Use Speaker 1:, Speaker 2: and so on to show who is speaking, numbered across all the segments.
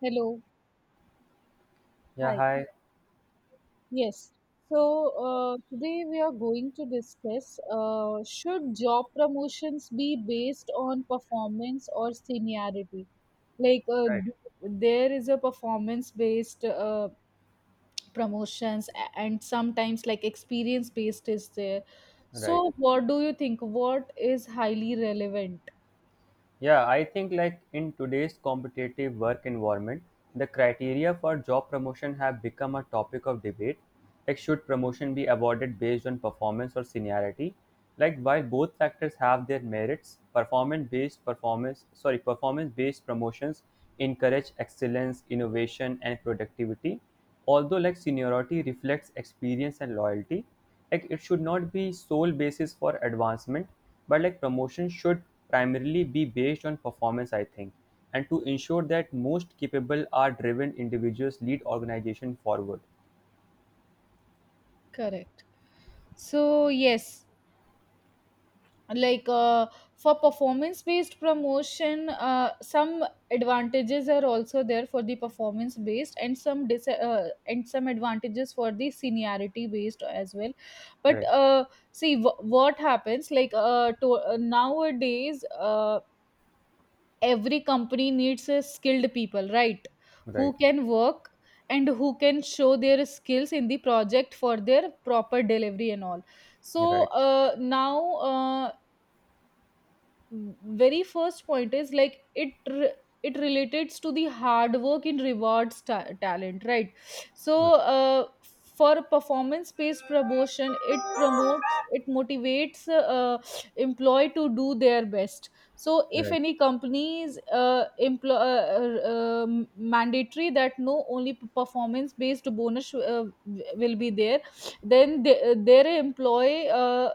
Speaker 1: Hello.
Speaker 2: Yeah,
Speaker 1: Hi.
Speaker 2: hi.
Speaker 1: Yes. So today we are going to discuss, should job promotions be based on performance or seniority? Like uh,
Speaker 2: Right,
Speaker 1: there is a performance based promotions and sometimes like experience based is there.
Speaker 2: right.
Speaker 1: So what do you think? What is highly relevant?
Speaker 2: Yeah, I think like in today's competitive work environment, the criteria for job promotion have become a topic of debate. Like, should promotion be awarded based on performance or seniority? Like, while both factors have their merits, performance-based performance, sorry, performance-based promotions encourage excellence, innovation, and productivity. Although like seniority reflects experience and loyalty, like it should not be sole basis for advancement but like promotion should primarily be based on performance, I think, and to ensure that most capable are driven individuals lead organization forward.
Speaker 1: Correct. So, yes, like uh, for performance based promotion, some advantages are also there for the performance based and some and some advantages for the seniority based as well, but
Speaker 2: Right,
Speaker 1: see, what happens, nowadays, every company needs a skilled people, right?
Speaker 2: right,
Speaker 1: Who can work and who can show their skills in the project for their proper delivery and all. so
Speaker 2: right.
Speaker 1: uh, now uh, very first point is like it relates to the hard work in rewards talent, right? so
Speaker 2: Okay.
Speaker 1: uh, for performance based promotion, it motivates employee to do their best. So if
Speaker 2: Right.
Speaker 1: any companies employ mandatory that no only performance based bonus, will be there, then their employee uh,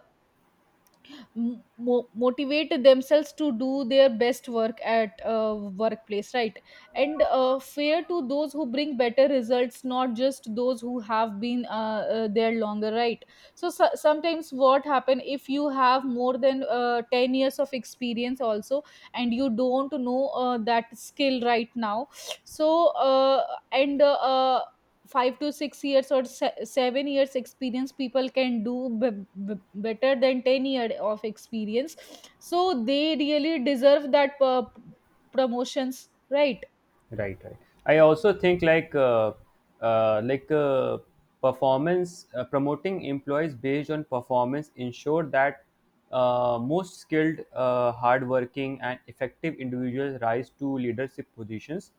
Speaker 1: m- mo- motivate themselves to do their best work at workplace, right? And fair to those who bring better results, not just those who have been there longer, right? So sometimes what happen, if you have more than 10 years of experience also and you don't know that skill right now. So and 5 to 6 years or 7 years experience people can do better than 10 year of experience, so they really deserve that promotions, right?
Speaker 2: Right, right. I also think like uh, like uh, performance, promoting employees based on performance, ensure that most skilled, hardworking, and effective individuals rise to leadership positions.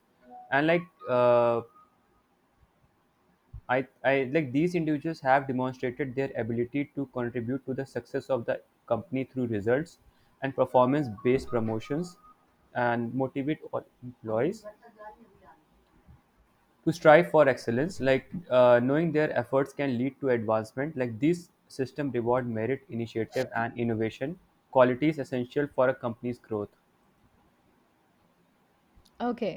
Speaker 2: And like uh, I like these individuals have demonstrated their ability to contribute to the success of the company through results, and performance-based promotions and motivate all employees to strive for excellence, like knowing their efforts can lead to advancement. Like these system reward merit, initiative, and innovation, qualities essential for a company's growth.
Speaker 1: Okay.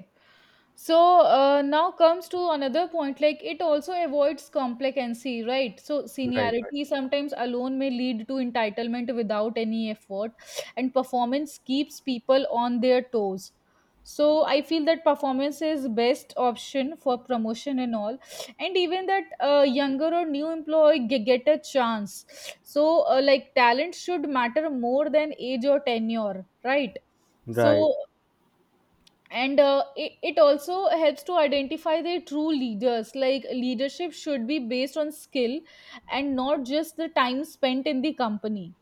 Speaker 1: Now comes to another point, like it also avoids complacency, right? So
Speaker 2: Right, right.
Speaker 1: seniority sometimes alone may lead to entitlement without any effort, and performance keeps people on their toes. So I feel that performance is best option for promotion and all, and even that younger or new employee get a chance. So like, talent should matter more than age or tenure, right? So,
Speaker 2: Right,
Speaker 1: and it also helps to identify their true leaders. Like, leadership should be based on skill and not just the time spent in the company.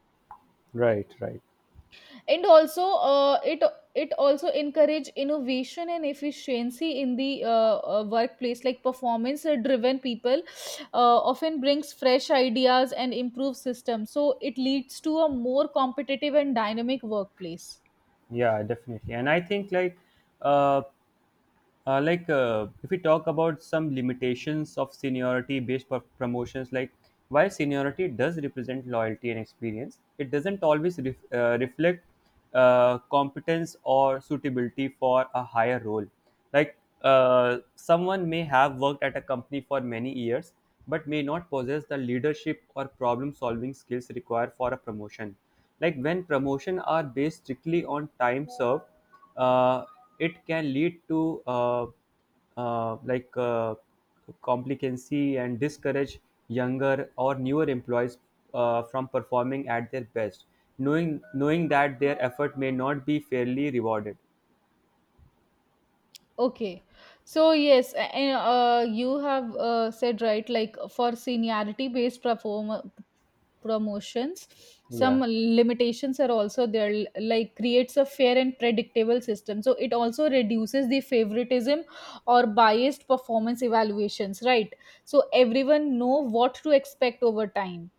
Speaker 2: right, right.
Speaker 1: And also, it also encourage innovation and efficiency in the workplace. Like, performance driven people often brings fresh ideas and improve systems, so it leads to a more competitive and dynamic workplace.
Speaker 2: Yeah, definitely. And I think like uh, if we talk about some limitations of seniority based promotions, like while seniority does represent loyalty and experience, it doesn't always reflect competence or suitability for a higher role. Like someone may have worked at a company for many years but may not possess the leadership or problem solving skills required for a promotion. Like when promotion are based strictly on time served, uh, it can lead to uh, like uh, complicancy and discourage younger or newer employees from performing at their best, knowing that their effort may not be fairly rewarded.
Speaker 1: Okay, so yes, and, you have said right, like for seniority based promotions, some
Speaker 2: Yeah,
Speaker 1: limitations are also there. Like, creates a fair and predictable system. So it also reduces the favoritism or biased performance evaluations, right? So everyone know what to expect over time.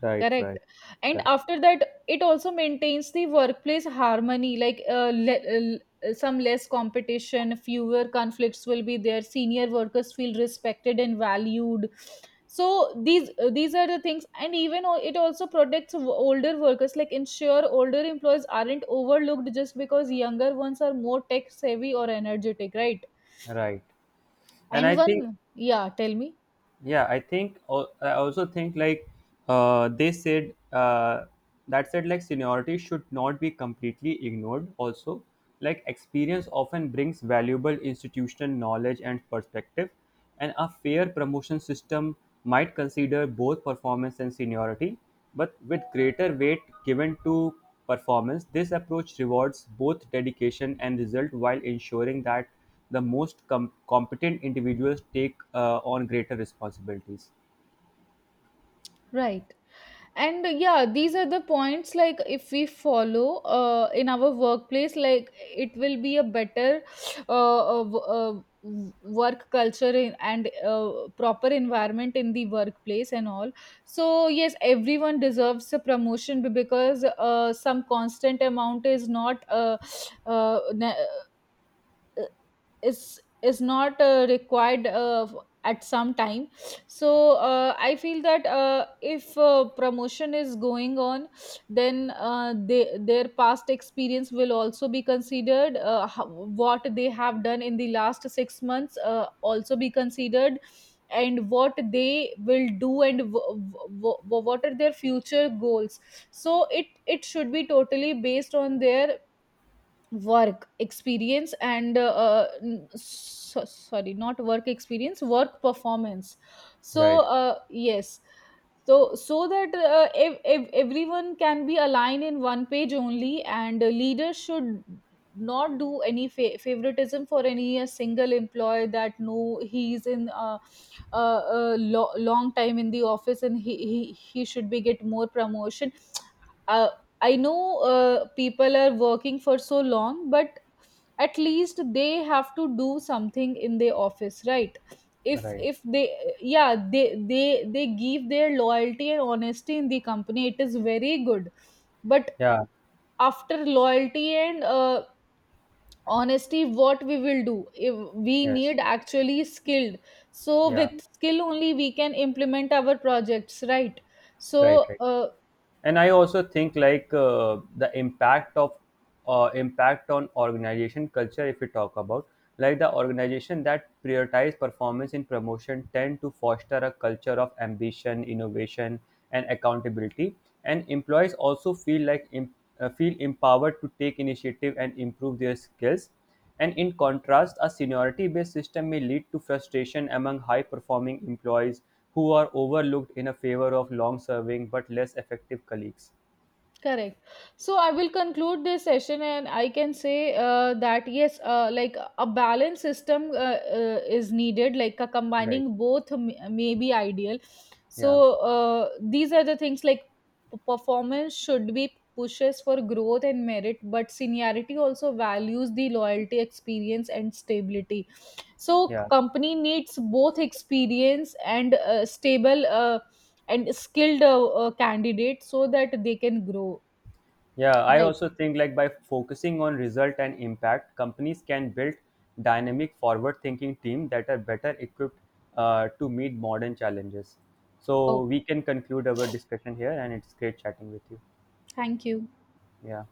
Speaker 2: right,
Speaker 1: Correct.
Speaker 2: right,
Speaker 1: And
Speaker 2: correct,
Speaker 1: after that, it also maintains the workplace harmony, like, some less competition, fewer conflicts will be there. Senior workers feel respected and valued. So these are the things, and even it also protects older workers, like, ensure older employees aren't overlooked just because younger ones are more tech savvy or energetic, right?
Speaker 2: right. And I
Speaker 1: And
Speaker 2: think,
Speaker 1: one, yeah, tell me.
Speaker 2: yeah, I think I also think like they said, that said, like seniority should not be completely ignored also. Like experience often brings valuable institutional knowledge and perspective, and a fair promotion system might consider both performance and seniority but with greater weight given to performance. This approach rewards both dedication and result while ensuring that the most competent individuals take on greater responsibilities.
Speaker 1: Right. And yeah, these are the points, like if we follow in our workplace, like it will be a better work culture and proper environment in the workplace and all. So, yes, everyone deserves a promotion, because some constant amount is not uh, ne- is is not required at some time. So I feel that if promotion is going on, then their past experience will also be considered, what they have done in the last 6 months also be considered, and what they will do and what are their future goals. So it should be totally based on their work experience and so, sorry, not work experience, work performance.
Speaker 2: Right,
Speaker 1: Yes, so that everyone can be aligned in one page only, and leaders should not do any favoritism for any a single employee, that no, he's in long time in the office and he should be get more promotion. uh, I know people are working for so long, but at least they have to do something in their office, right?
Speaker 2: right.
Speaker 1: If they, yeah, they give their loyalty and honesty in the company, it is very good. But
Speaker 2: Yeah,
Speaker 1: after loyalty and honesty, what we will do? If we
Speaker 2: yes.
Speaker 1: need actually skilled. So
Speaker 2: Yeah,
Speaker 1: with skill only we can implement our projects, right?
Speaker 2: right,
Speaker 1: So
Speaker 2: right.
Speaker 1: uh,
Speaker 2: And I also think like the impact of impact on organization culture, if we talk about, like the organization that prioritize performance in promotion tend to foster a culture of ambition, innovation, and accountability, and employees also feel like feel empowered to take initiative and improve their skills. And in contrast, a seniority-based system may lead to frustration among high-performing employees who are overlooked in a favor of long-serving but less effective colleagues.
Speaker 1: Correct. So I will conclude this session, and I can say that yes, like a balanced system is needed, like a
Speaker 2: Right.
Speaker 1: combining both may be ideal.
Speaker 2: Yeah.
Speaker 1: So these are the things like, performance should be pushes for growth and merit, but seniority also values the loyalty, experience, and stability. So
Speaker 2: Yeah.
Speaker 1: company needs both experience and stable and skilled candidate so that they can grow.
Speaker 2: Yeah, I
Speaker 1: Right.
Speaker 2: also think like by focusing on result and impact, companies can build dynamic, forward-thinking team that are better equipped to meet modern challenges. So
Speaker 1: Oh,
Speaker 2: we can conclude our discussion here, and it's great chatting with you.
Speaker 1: thank you.
Speaker 2: Yeah.